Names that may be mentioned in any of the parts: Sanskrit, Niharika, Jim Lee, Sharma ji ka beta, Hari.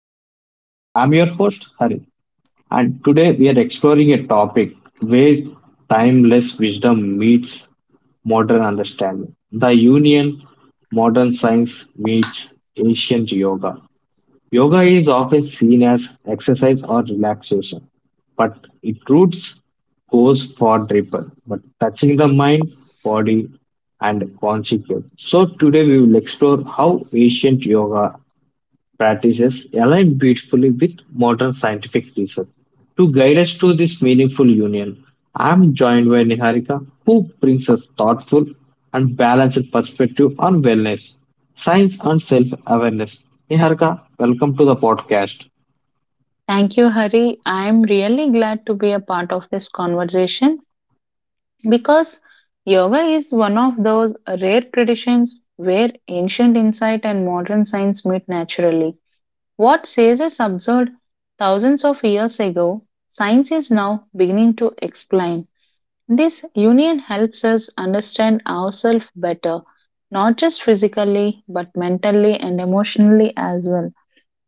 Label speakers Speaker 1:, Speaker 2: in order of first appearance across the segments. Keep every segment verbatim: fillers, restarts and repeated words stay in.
Speaker 1: the podcast. I'm your host, Hari, and today we are exploring a topic where timeless wisdom meets modern understanding the union modern science meets ancient yoga. Yoga is often seen as exercise or relaxation, but its roots goes far deeper, but touching the mind, body, and consciousness. So today we will explore how ancient yoga practices align beautifully with modern scientific research. To guide us through this meaningful union, I am joined by Niharika, who brings us thoughtful and balanced perspective on wellness, science, and self awareness. Niharika, welcome to the podcast.
Speaker 2: Thank you, Hari. I'm really glad to be a part of this conversation because yoga is one of those rare traditions where ancient insight and modern science meet naturally. What says is absurd thousands of years ago, science is now beginning to explain. This union helps us understand ourselves better, not just physically, but mentally and emotionally as well.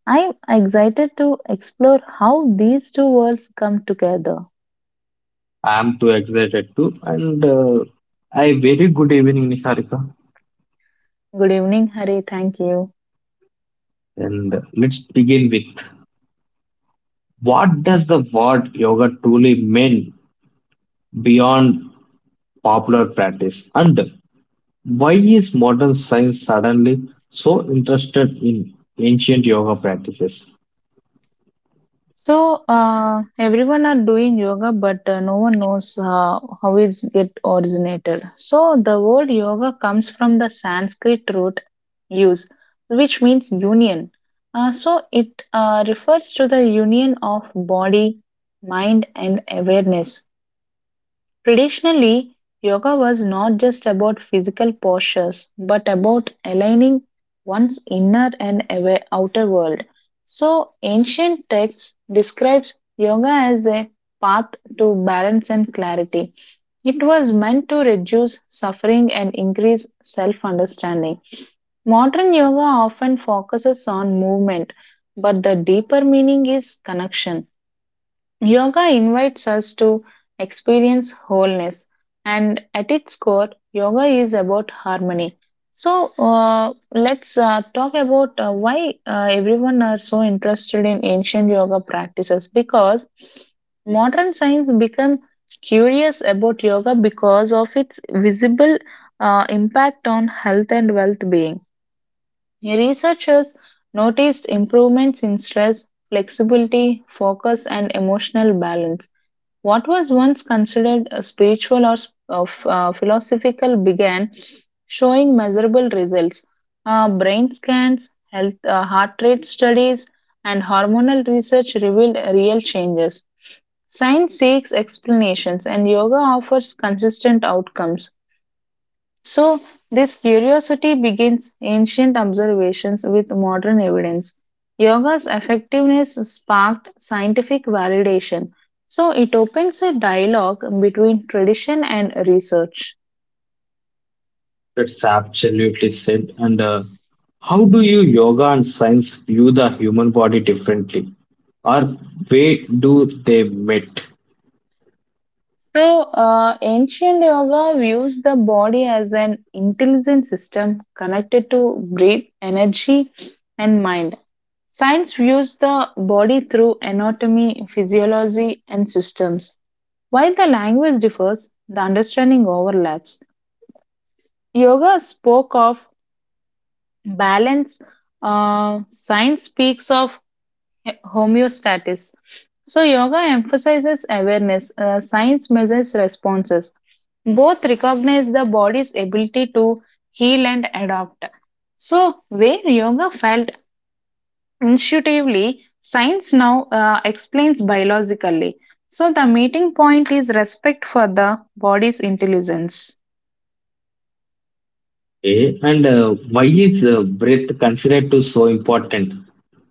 Speaker 2: I'm excited to explore how these two worlds come together.
Speaker 1: I am too excited too, and uh, a very good evening, Niharika.
Speaker 2: Good evening, Hari. Thank you.
Speaker 1: And uh, let's begin with what does the word yoga truly mean beyond popular practice? And why is modern science suddenly so interested in ancient yoga practices?
Speaker 2: So, uh, everyone are doing yoga, but uh, no one knows uh, how it's get originated. So, the word yoga comes from the Sanskrit root use, which means union. Uh, so, it uh, refers to the union of body, mind, and awareness. Traditionally, yoga was not just about physical postures, but about aligning one's inner and awa- outer world. So, ancient texts describes yoga as a path to balance and clarity. It was meant to reduce suffering and increase self understanding. Modern yoga often focuses on movement, but the deeper meaning is connection. Yoga invites us to experience wholeness, and at its core, yoga is about harmony. So, uh, let's uh, talk about uh, why uh, everyone are so interested in ancient yoga practices because modern science become curious about yoga because of its visible uh, impact on health and wealth being. Researchers noticed improvements in stress, flexibility, focus, and emotional balance. What was once considered a spiritual or sp- of, uh, philosophical began showing measurable results. Uh, brain scans, health, uh, heart rate studies, and hormonal research revealed real changes. Science seeks explanations, and yoga offers consistent outcomes. So, this curiosity begins ancient observations with modern evidence. Yoga's effectiveness sparked scientific validation. So, it opens a dialogue between tradition and research.
Speaker 1: That's absolutely said. And uh, how do you, yoga and science, view the human body differently? Or where do they meet?
Speaker 2: So, uh, ancient yoga views the body as an intelligent system connected to breath, energy, and mind. Science views the body through anatomy, physiology, and systems. While the language differs, the understanding overlaps. Yoga spoke of balance, uh, science speaks of homeostasis. So, yoga emphasizes awareness, uh, science measures responses. Both recognize the body's ability to heal and adapt. So, where yoga felt intuitively, science now uh, explains biologically. So, the meeting point is respect for the body's intelligence.
Speaker 1: Eh, And uh, Why is uh, breath considered to so important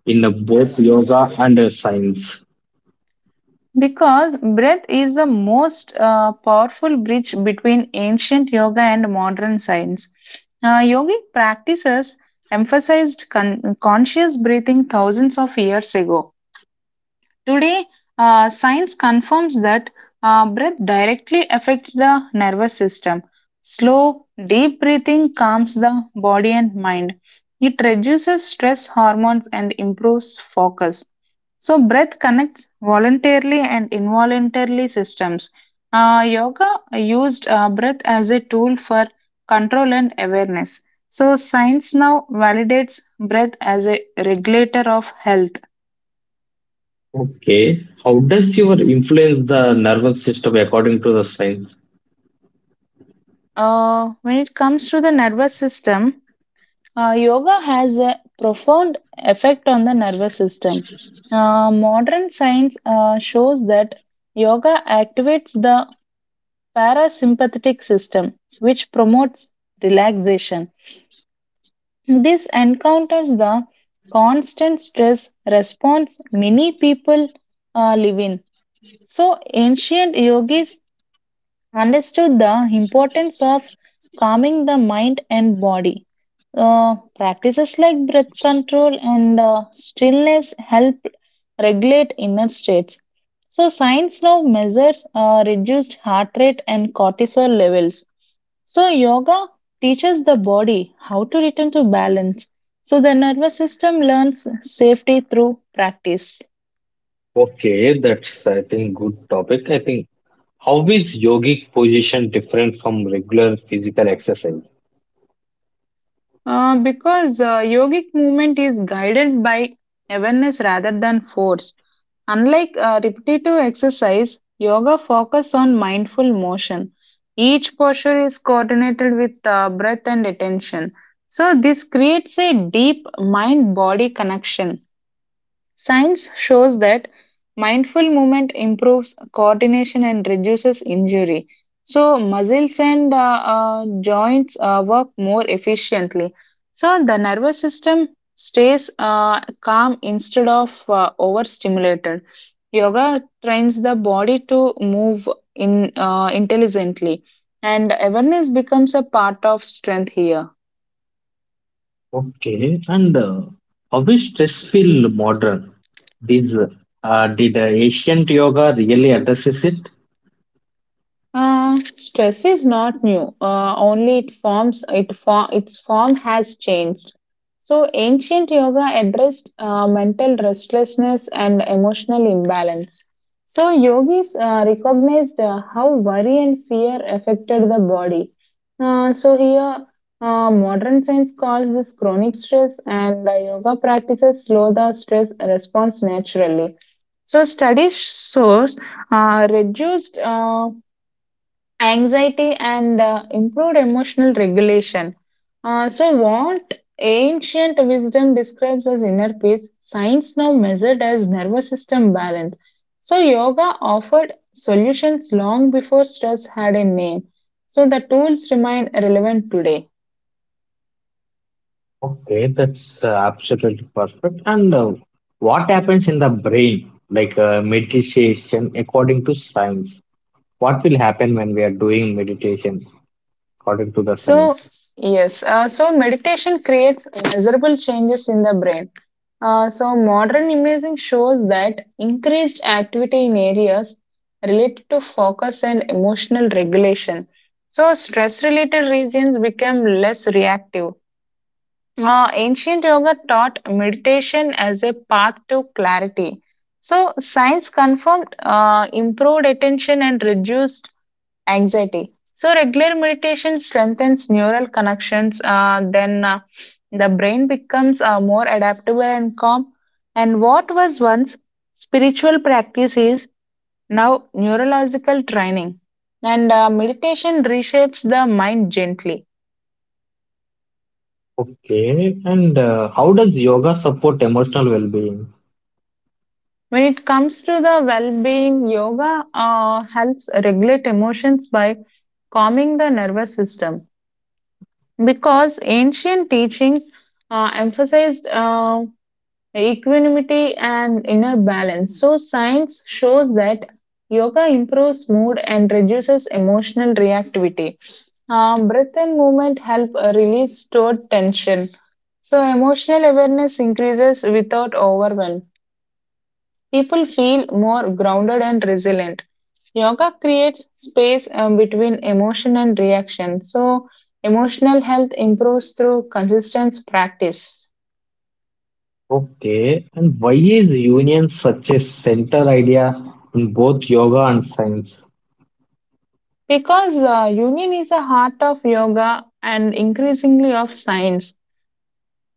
Speaker 1: in uh, both yoga and uh, science?
Speaker 2: Because breath is the most uh, powerful bridge between ancient yoga and modern science. Uh, yogic practices emphasized con- conscious breathing thousands of years ago. Today, uh, science confirms that uh, breath directly affects the nervous system. Slow, deep breathing calms the body and mind. It reduces stress hormones and improves focus. So, breath connects voluntarily and involuntarily systems. Uh, yoga used uh, breath as a tool for control and awareness. So, science now validates breath as a regulator of health.
Speaker 1: Okay, how does your influence the nervous system according to the science?
Speaker 2: Uh, when it comes to the nervous system, uh, yoga has a profound effect on the nervous system. Uh, modern science uh, shows that yoga activates the parasympathetic system, which promotes relaxation. This encounters the constant stress response many people uh, live in. So, ancient yogis understood the importance of calming the mind and body. Uh, practices like breath control and uh, stillness help regulate inner states. So, science now measures uh, reduced heart rate and cortisol levels. So, yoga teaches the body how to return to balance. So, the nervous system learns safety through practice.
Speaker 1: Okay, that's I think good topic. I think how is yogic position different from regular physical exercise?
Speaker 2: Uh, because uh, yogic movement is guided by awareness rather than force. Unlike uh, repetitive exercise, yoga focuses on mindful motion. Each posture is coordinated with uh, breath and attention. So, this creates a deep mind body connection. Science shows that mindful movement improves coordination and reduces injury. So, muscles and uh, uh, joints uh, work more efficiently. So, the nervous system stays uh, calm instead of uh, overstimulated. Yoga trains the body to move in uh, intelligently, and awareness becomes a part of strength here.
Speaker 1: Okay, and uh, how is stress feel modern? These uh, did uh, ancient yoga really addresses it?
Speaker 2: Uh, stress is not new. Uh, only it forms it for its form has changed. So ancient yoga addressed uh, mental restlessness and emotional imbalance. So yogis uh, recognized uh, how worry and fear affected the body. Uh, so here, uh, modern science calls this chronic stress, and uh, yoga practices slow the stress response naturally. So studies shows uh, reduced. Uh, anxiety and uh, improved emotional regulation. Uh, so, what ancient wisdom describes as inner peace, science now measured as nervous system balance. So, yoga offered solutions long before stress had a name. So, the tools remain relevant today.
Speaker 1: Okay, that's uh, absolutely perfect. And uh, what happens in the brain, like uh, meditation, according to science? What will happen when we are doing meditation according to the science?
Speaker 2: So, yes, uh, so meditation creates measurable changes in the brain. Uh, so, modern imaging shows that increased activity in areas related to focus and emotional regulation. So, stress related regions become less reactive. Uh, ancient yoga taught meditation as a path to clarity. So, science confirmed uh, improved attention and reduced anxiety. So, regular meditation strengthens neural connections. Uh, then, uh, the brain becomes uh, more adaptable and calm. And what was once spiritual practice is now neurological training. And uh, meditation reshapes the mind gently.
Speaker 1: Okay, and uh, how does yoga support emotional well-being?
Speaker 2: When it comes to the well-being, yoga uh, helps regulate emotions by calming the nervous system because ancient teachings uh, emphasized uh, equanimity and inner balance. So, science shows that yoga improves mood and reduces emotional reactivity. Uh, breath and movement help uh, release stored tension. So, emotional awareness increases without overwhelm people feel more grounded and resilient. Yoga creates space um, between emotion and reaction. So, emotional health improves through consistent practice.
Speaker 1: Okay, and why is union such a center idea in both yoga and science?
Speaker 2: Because uh, union is the heart of yoga and increasingly of science.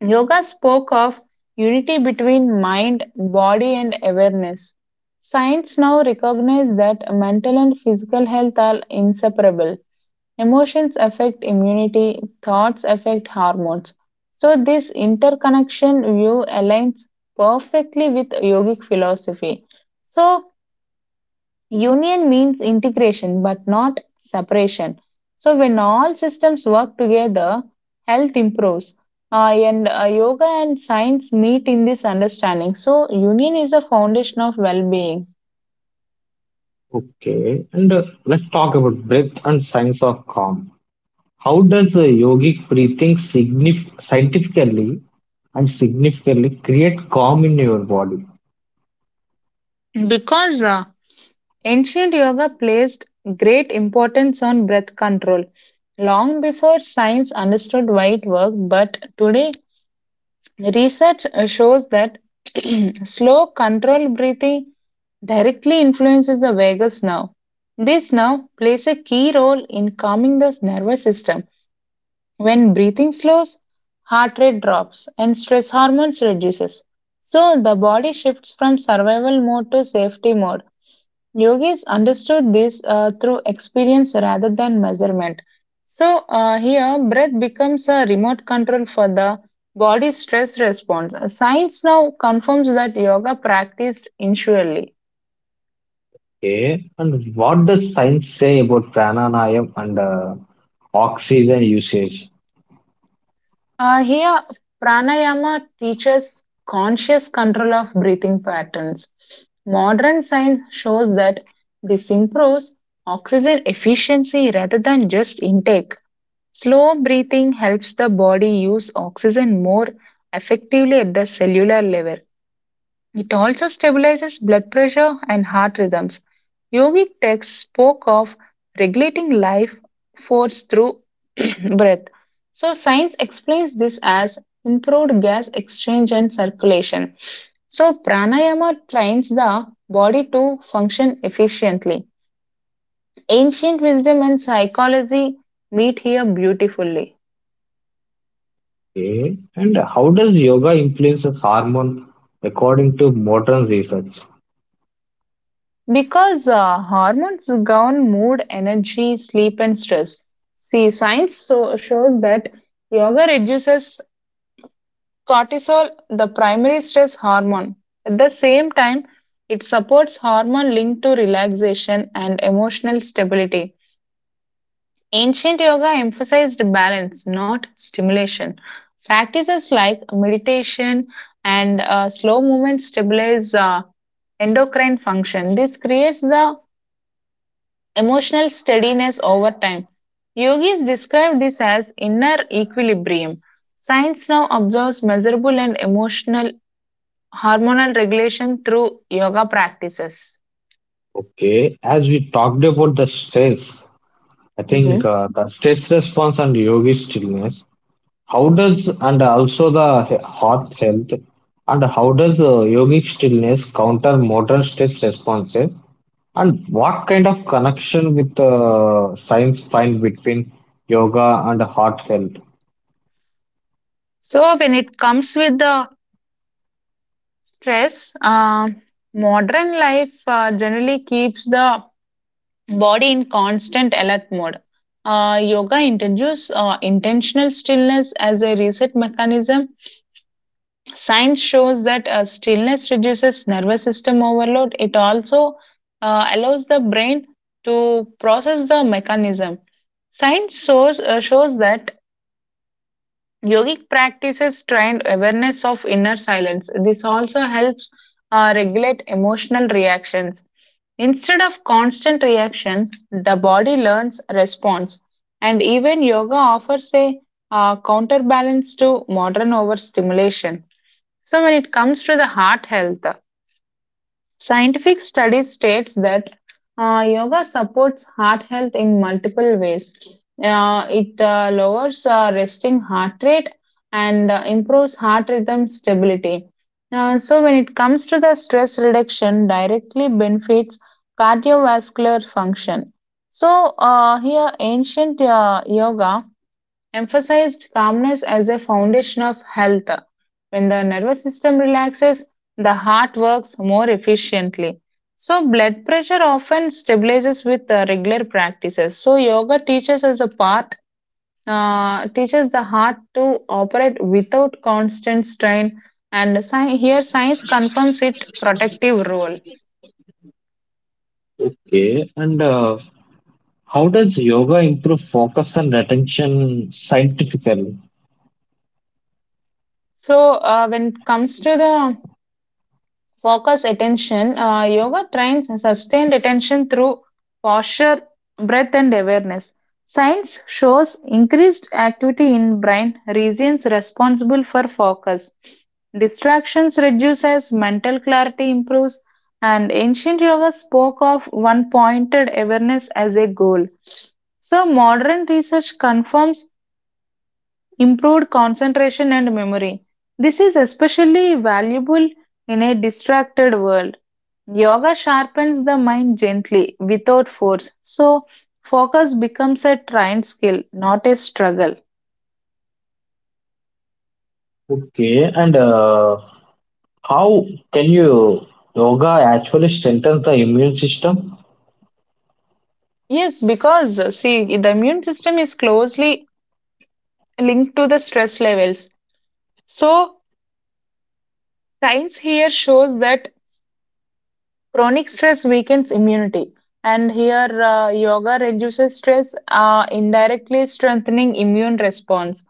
Speaker 2: Yoga spoke of unity between mind, body, and awareness. Science now recognizes that mental and physical health are inseparable. Emotions affect immunity, thoughts affect hormones. So, this interconnection view aligns perfectly with yogic philosophy. So, union means integration but not separation. So, when all systems work together, health improves. Uh, and uh, yoga and science meet in this understanding. So, union is a foundation of well being.
Speaker 1: Okay, and uh, let's talk about breath and science of calm. How does uh, yogic breathing signif scientifically and significantly create calm in your body?
Speaker 2: Because uh, ancient yoga placed great importance on breath control long before science understood why it worked, but today research uh, shows that slow, controlled breathing directly influences the vagus nerve. This nerve plays a key role in calming the nervous system. When breathing slows, heart rate drops and stress hormones reduces. So the body shifts from survival mode to safety mode. Yogis understood this uh, through experience rather than measurement. So, uh, here, breath becomes a remote control for the body's stress response. Science now confirms that yoga practiced initially.
Speaker 1: Okay, and what does science say about pranayama and uh, oxygen usage?
Speaker 2: Uh, here, pranayama teaches conscious control of breathing patterns. Modern science shows that this improves oxygen efficiency rather than just intake. Slow breathing helps the body use oxygen more effectively at the cellular level. It also stabilizes blood pressure and heart rhythms. Yogic texts spoke of regulating life force through breath. So, science explains this as improved gas exchange and circulation. So, pranayama trains the body to function efficiently. Ancient wisdom and psychology meet here beautifully.
Speaker 1: Okay. And how does yoga influence the hormone according to modern research?
Speaker 2: Because uh, hormones govern mood, energy, sleep, and stress. See, science so- shows that yoga reduces cortisol, the primary stress hormone. At the same time, it supports hormone linked to relaxation and emotional stability. Ancient yoga emphasized balance, not stimulation. Practices like meditation and uh, slow movement stabilize uh, endocrine function. This creates the emotional steadiness over time. Yogis describe this as inner equilibrium. Science now observes measurable and emotional hormonal regulation through yoga practices.
Speaker 1: Okay. As we talked about the stress, I
Speaker 2: Hmm.
Speaker 1: think uh, the stress response and yogic stillness, how does, and also the he- heart health, and how does uh, yogic stillness counter modern stress responses? And what kind of connection with uh, science find between yoga and heart health?
Speaker 2: So, when it comes with the stress, uh, modern life uh, generally keeps the body in constant alert mode. Uh, yoga introduces uh, intentional stillness as a reset mechanism. Science shows that uh, stillness reduces nervous system overload. It also uh, allows the brain to process the mechanism. Science shows, uh, shows that yogic practices train awareness of inner silence. This also helps uh, regulate emotional reactions. Instead of constant reaction, the body learns response. And even yoga offers a uh, counterbalance to modern overstimulation. So, when it comes to the heart health, scientific studies states that uh, yoga supports heart health in multiple ways. Uh, it uh, lowers uh, resting heart rate and uh, improves heart rhythm stability. Uh, so when it comes to the stress reduction, directly benefits cardiovascular function. So uh, here, ancient uh, yoga emphasized calmness as a foundation of health. When the nervous system relaxes, the heart works more efficiently. So, blood pressure often stabilizes with uh, regular practices. So, yoga teaches us a part, uh, teaches the heart to operate without constant strain, and sci- here science confirms its protective role.
Speaker 1: Okay, and uh, how does yoga improve focus and attention scientifically?
Speaker 2: So, uh, when it comes to the focus attention. Uh, yoga trains sustained attention through posture, breath, and awareness. Science shows increased activity in brain regions responsible for focus. Distractions reduce as mental clarity improves, and ancient yoga spoke of one pointed awareness as a goal. So, modern research confirms improved concentration and memory. This is especially valuable in a distracted world. Yoga sharpens the mind gently without force, so focus becomes a trained skill, not a struggle.
Speaker 1: Okay, and uh, how can you yoga actually strengthens the immune system?
Speaker 2: Yes, because uh, see, the immune system is closely linked to the stress levels. So, science here shows that Chronic stress weakens immunity, and here uh, yoga reduces stress, uh, indirectly strengthening immune response.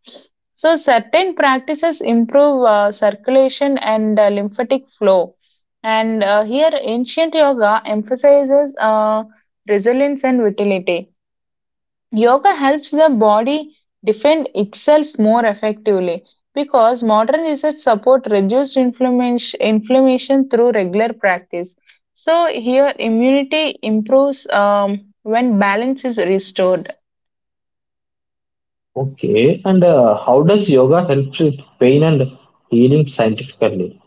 Speaker 2: So certain practices improve uh, circulation and uh, lymphatic flow. And uh, here ancient yoga emphasizes uh, resilience and vitality. Yoga helps the body defend itself more effectively because modern research support reduced inflammation, inflammation through regular practice. So here immunity improves um, when balance is restored.
Speaker 1: Okay, and uh, how does yoga helps with pain and healing scientifically?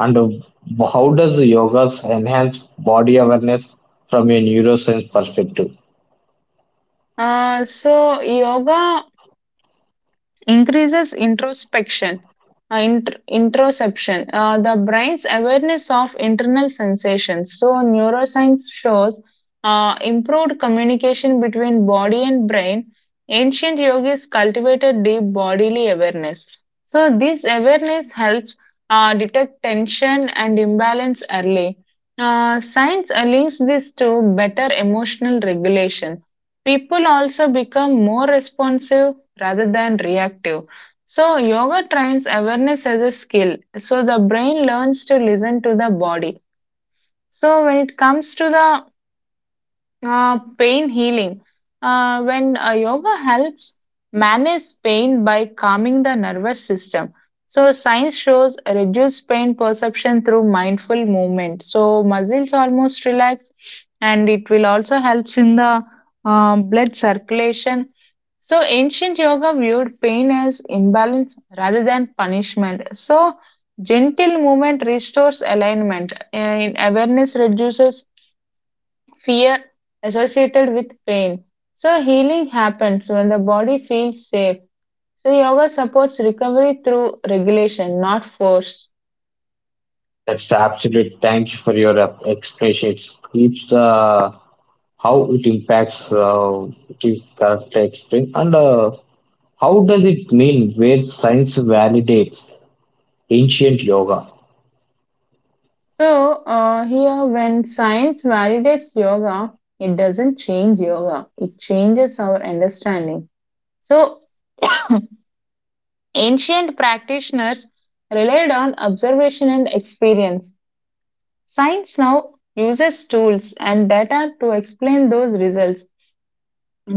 Speaker 1: And uh, how does yoga enhance body awareness from a neuroscience perspective?
Speaker 2: Uh, so yoga increases introspection, uh, int- introception, uh, the brain's awareness of internal sensations. So, neuroscience shows uh, improved communication between body and brain. Ancient yogis cultivated deep bodily awareness. So, this awareness helps uh, detect tension and imbalance early. Uh, science uh, links this to better emotional regulation. People also become more responsive rather than reactive. So, yoga trains awareness as a skill. So, the brain learns to listen to the body. So, when it comes to the uh, pain healing. Uh, when uh, Yoga helps manage pain by calming the nervous system. So, science shows reduced pain perception through mindful movement. So, muscles almost relax, and it will also helps in the um, blood circulation. So, ancient yoga viewed pain as imbalance rather than punishment. So, gentle movement restores alignment, and awareness reduces fear associated with pain. So, healing happens when the body feels safe. So, yoga supports recovery through regulation, not force.
Speaker 1: That's absolute. Thank you for your uh, explanation. It keeps the how it impacts uh, it is correct explain and uh, how does it mean where science validates ancient yoga?
Speaker 2: So, uh, here, when science validates yoga, it doesn't change yoga, it changes our understanding. So, ancient practitioners relied on observation and experience. Science now uses tools and data to explain those results.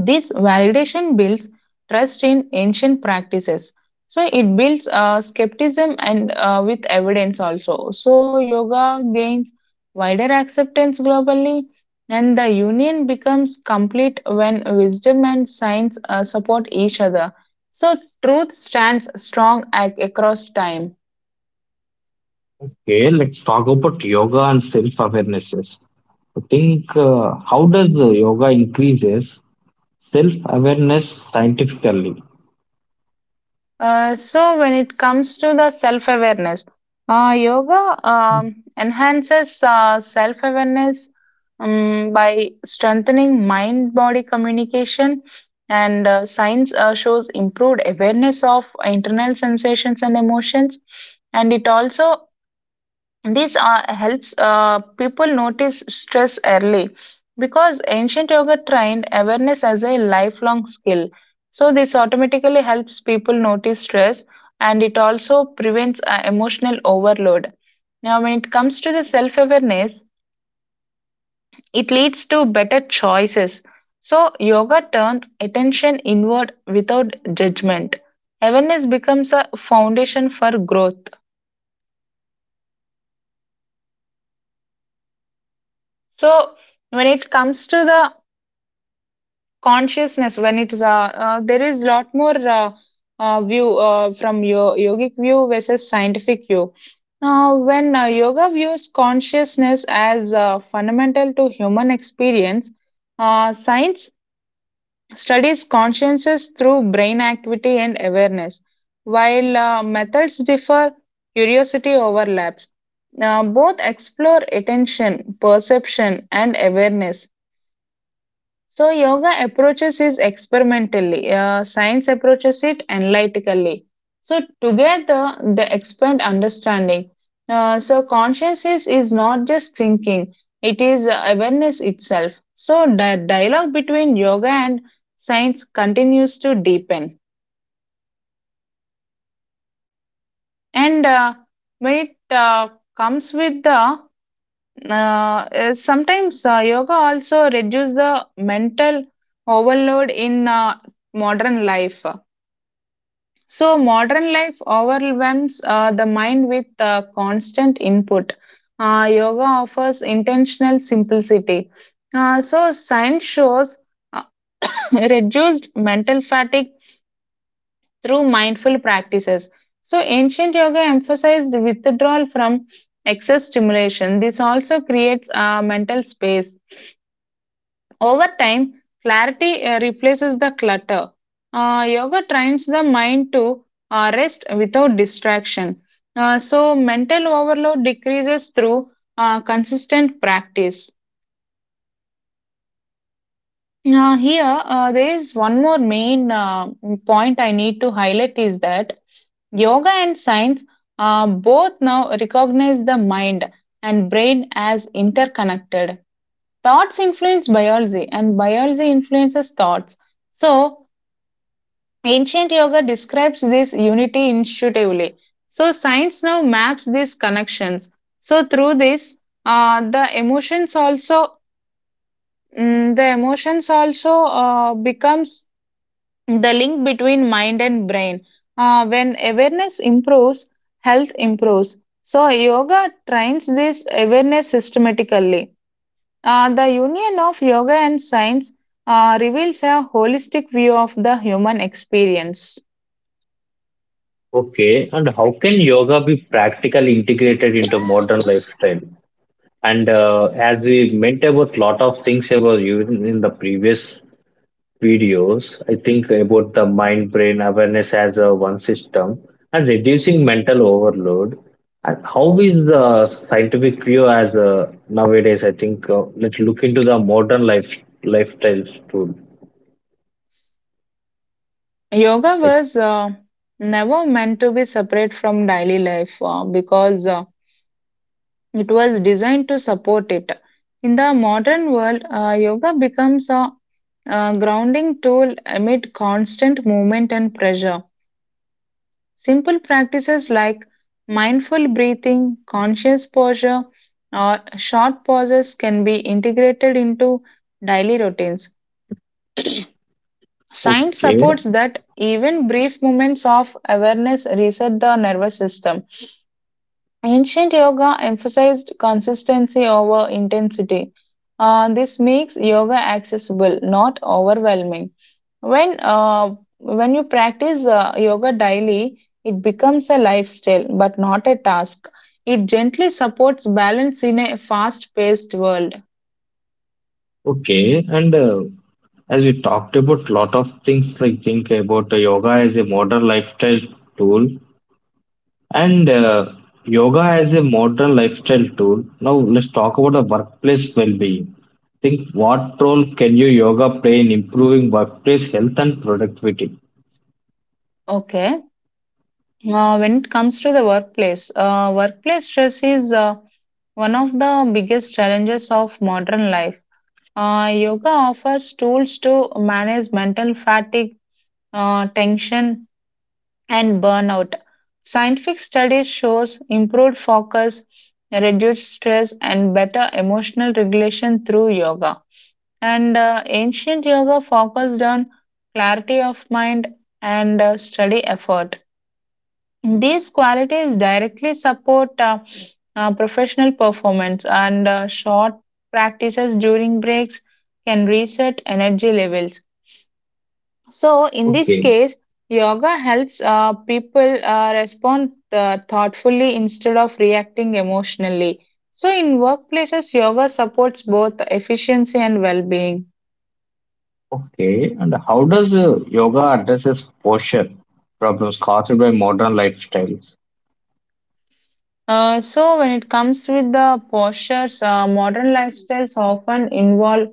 Speaker 2: This validation builds trust in ancient practices. So it builds uh, skepticism and uh, with evidence also. So yoga gains wider acceptance globally, and the union becomes complete when wisdom and science uh, support each other. So truth stands strong ac- across time.
Speaker 1: Okay, let's talk about yoga and self awarenesses. I think uh, how does the yoga increases self awareness scientifically?
Speaker 2: Uh, so when it comes to the self-awareness, uh, yoga um, enhances uh, self-awareness um, by strengthening mind-body communication, and uh, science uh, shows improved awareness of internal sensations and emotions, and it also this uh, helps uh, people notice stress early because ancient yoga trained awareness as a lifelong skill. So, this automatically helps people notice stress and it also prevents uh, emotional overload. Now, when it comes to the self awareness, it leads to better choices. So, yoga turns attention inward without judgment. Awareness becomes a foundation for growth. So, when it comes to the consciousness, when it's uh, uh, there is lot more uh, uh, view uh, from your yogic view versus scientific view, uh, when uh, yoga views consciousness as uh, fundamental to human experience. Uh, science studies consciousness through brain activity and awareness. While uh, methods differ, curiosity overlaps. Uh, both explore attention, perception and awareness. So, yoga approaches is experimentally, uh, science approaches it analytically. So, together they expand understanding. Uh, so, consciousness is not just thinking, it is uh, awareness itself. So, the dialogue between yoga and science continues to deepen. And uh, when it uh, comes with the uh, uh, Sometimes uh, yoga also reduce the mental overload in uh, modern life. So, modern life overwhelms uh, the mind with uh, constant input. Uh, yoga offers intentional simplicity. Uh, so, science shows uh, reduced mental fatigue through mindful practices. So, ancient yoga emphasized withdrawal from excess stimulation. This also creates a mental space. Over time, clarity uh, replaces the clutter. Uh, yoga trains the mind to uh, rest without distraction. Uh, so, mental overload decreases through uh, consistent practice. Now, here, uh, there is one more main uh, point I need to highlight is that yoga and science uh, both now recognize the mind and brain as interconnected. Thoughts influence biology, and biology influences thoughts. So, ancient yoga describes this unity intuitively. So, science now maps these connections. So, through this, uh, the emotions also mm, the emotions also uh, becomes the link between mind and brain. Uh, when awareness improves, health improves. So, yoga trains this awareness systematically. Uh, the union of yoga and science uh, reveals a holistic view of the human experience.
Speaker 1: Okay, and how can yoga be practically integrated into modern lifestyle? And uh, as we meant about lot of things about you in in the previous videos, I think about the mind brain awareness as a one system and reducing mental overload. And how is the scientific view as uh, nowadays? I think uh, let's look into the modern life lifestyles too.
Speaker 2: Yoga
Speaker 1: I
Speaker 2: was uh, never meant to be separate from daily life uh, because uh, it was designed to support it. In the modern world, uh, yoga becomes a, uh grounding tool amid constant movement and pressure. Simple practices like mindful breathing, conscious posture, or short pauses can be integrated into daily routines. Science
Speaker 1: Okay,
Speaker 2: supports that even brief moments of awareness reset the nervous system. Ancient yoga emphasized consistency over intensity. Uh, this makes yoga accessible, not overwhelming. When uh, when you practice uh, yoga daily, it becomes a lifestyle, but not a task. It gently supports balance in a fast-paced world.
Speaker 1: okay. And uh, as we talked about lot of things, I think about uh, yoga as a modern lifestyle tool. And uh, yoga as a modern lifestyle tool. Now let's talk about the workplace well-being. Think what role can you yoga play in improving workplace health and productivity?
Speaker 2: Okay. Uh, when it comes to the workplace, uh, workplace stress is uh, one of the biggest challenges of modern life. Uh, yoga offers tools to manage mental fatigue, uh, tension, and burnout. Scientific studies shows improved focus, reduced stress, and better emotional regulation through yoga. And uh, ancient yoga focused on clarity of mind and uh, study effort. These qualities directly support uh, uh, professional performance, and uh, short practices during breaks can reset energy levels. So, in this
Speaker 1: Okay,
Speaker 2: case, yoga helps uh, people uh, respond uh, thoughtfully instead of reacting emotionally. So, in workplaces, yoga supports both efficiency and well being.
Speaker 1: okay. And how does uh, yoga addresses posture problems caused by modern lifestyles?
Speaker 2: Uh, so, when it comes with the postures, uh, modern lifestyles often involve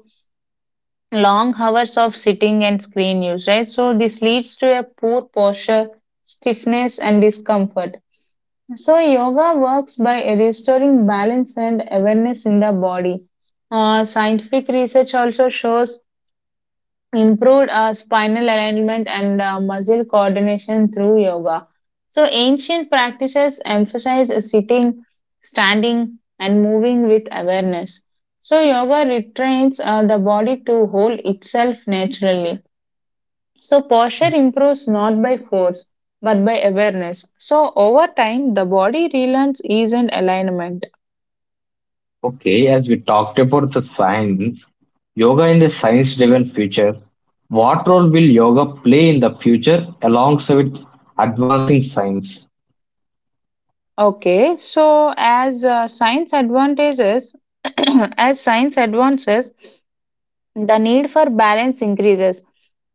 Speaker 2: long hours of sitting and screen use, right? So this leads to a poor posture, stiffness, and discomfort. So yoga works by restoring balance and awareness in the body. Uh, scientific research also shows improved uh, spinal alignment and uh, muscle coordination through yoga. So, ancient practices emphasize sitting, standing, and moving with awareness. So, yoga retrains uh, the body to hold itself naturally. So, posture improves not by force but by awareness. So, over time, the body relearns ease and alignment.
Speaker 1: Okay, as we talked about the science, yoga in the science-driven future. What role will yoga play in the future alongside advancing science?
Speaker 2: Okay, so as uh, science advances, as science advances, the need for balance increases.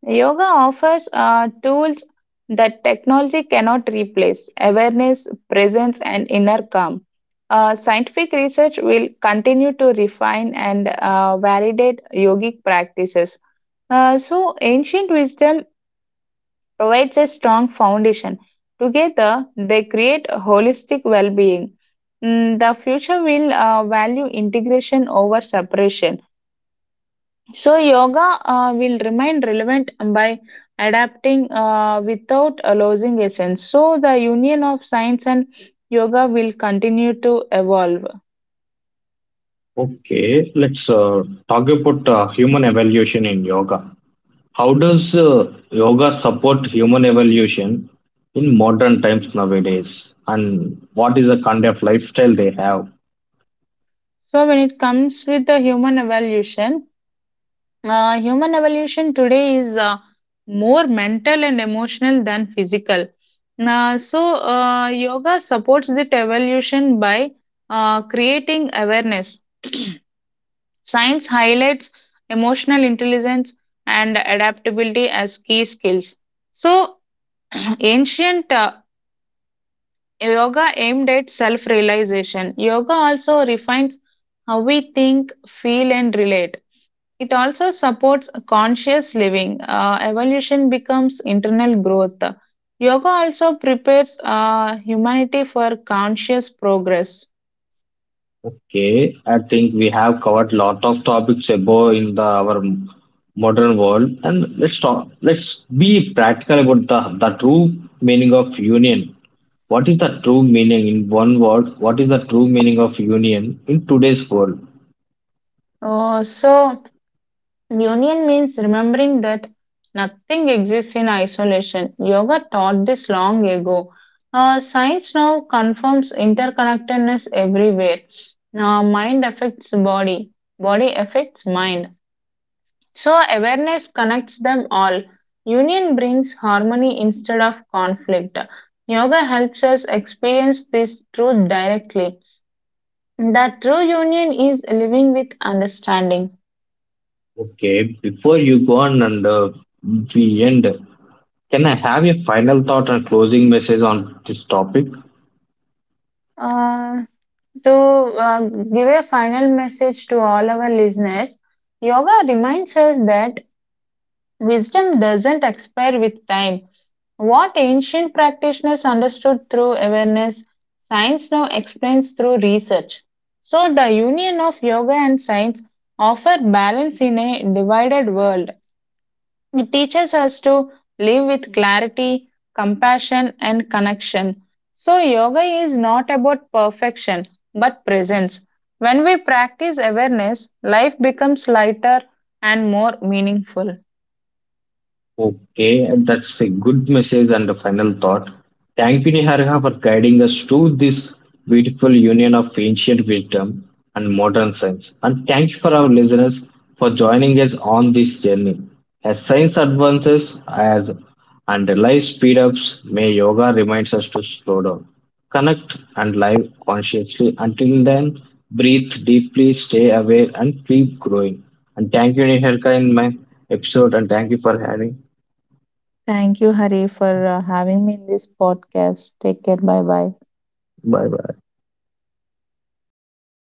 Speaker 2: Yoga offers uh, tools that technology cannot replace awareness, presence, and inner calm. Uh, scientific research will continue to refine and uh, validate yogic practices. Uh, so, ancient wisdom provides a strong foundation. Together, they create a holistic well being. The future will uh, value integration over separation. So yoga uh, will remain relevant by adapting uh, without uh, losing essence. So the union of science and yoga will continue to evolve.
Speaker 1: Okay, let's uh, talk about uh, human evaluation in yoga. How does uh, yoga support human evolution in modern times nowadays? And what is the kind of lifestyle they have?
Speaker 2: So when it comes with the human evolution, uh, human evolution today is uh, more mental and emotional than physical. Now, so uh, yoga supports that evolution by uh, creating awareness. Science highlights emotional intelligence and adaptability as key skills. So, ancient uh, yoga aimed at self realization. Yoga also refines how we think, feel, and relate. It also supports conscious living. Uh, evolution becomes internal growth. Yoga also prepares uh, humanity for conscious progress.
Speaker 1: Okay, I think we have covered lot of topics above in the our m- modern world, and let's talk. Let's be practical about the the true meaning of union. What is the true meaning in one word? What is the true meaning of union in today's world?
Speaker 2: Uh, so, Union means remembering that nothing exists in isolation. Yoga taught this long ago. Uh, science now confirms interconnectedness everywhere. Uh, mind affects body, body affects mind. So, awareness connects them all. Union brings harmony instead of conflict. Yoga helps us experience this truth directly. The true union is living with understanding.
Speaker 1: Okay, before you go on and uh, we end, can I have a final thought and closing message on this topic?
Speaker 2: Uh, To uh, give a final message to all our listeners, yoga reminds us that wisdom doesn't expire with time. What ancient practitioners understood through awareness, science now explains through research. So, the union of yoga and science offer balance in a divided world. It teaches us to live with clarity, compassion, and connection. So, yoga is not about perfection but presence. When we practice awareness, life becomes lighter and more meaningful.
Speaker 1: Okay, that's a good message and a final thought. Thank you, Niharika, for guiding us to this beautiful union of ancient wisdom and modern science. And thank you for our listeners for joining us on this journey. As science advances as and life speed ups, may yoga reminds us to slow down, connect and live consciously. Until then, breathe deeply, stay aware and keep growing. And thank you, Niharika, in my episode and thank you for having.
Speaker 2: Thank you, Hari, for uh, having me in this podcast. Take care. Bye bye.
Speaker 1: Bye bye.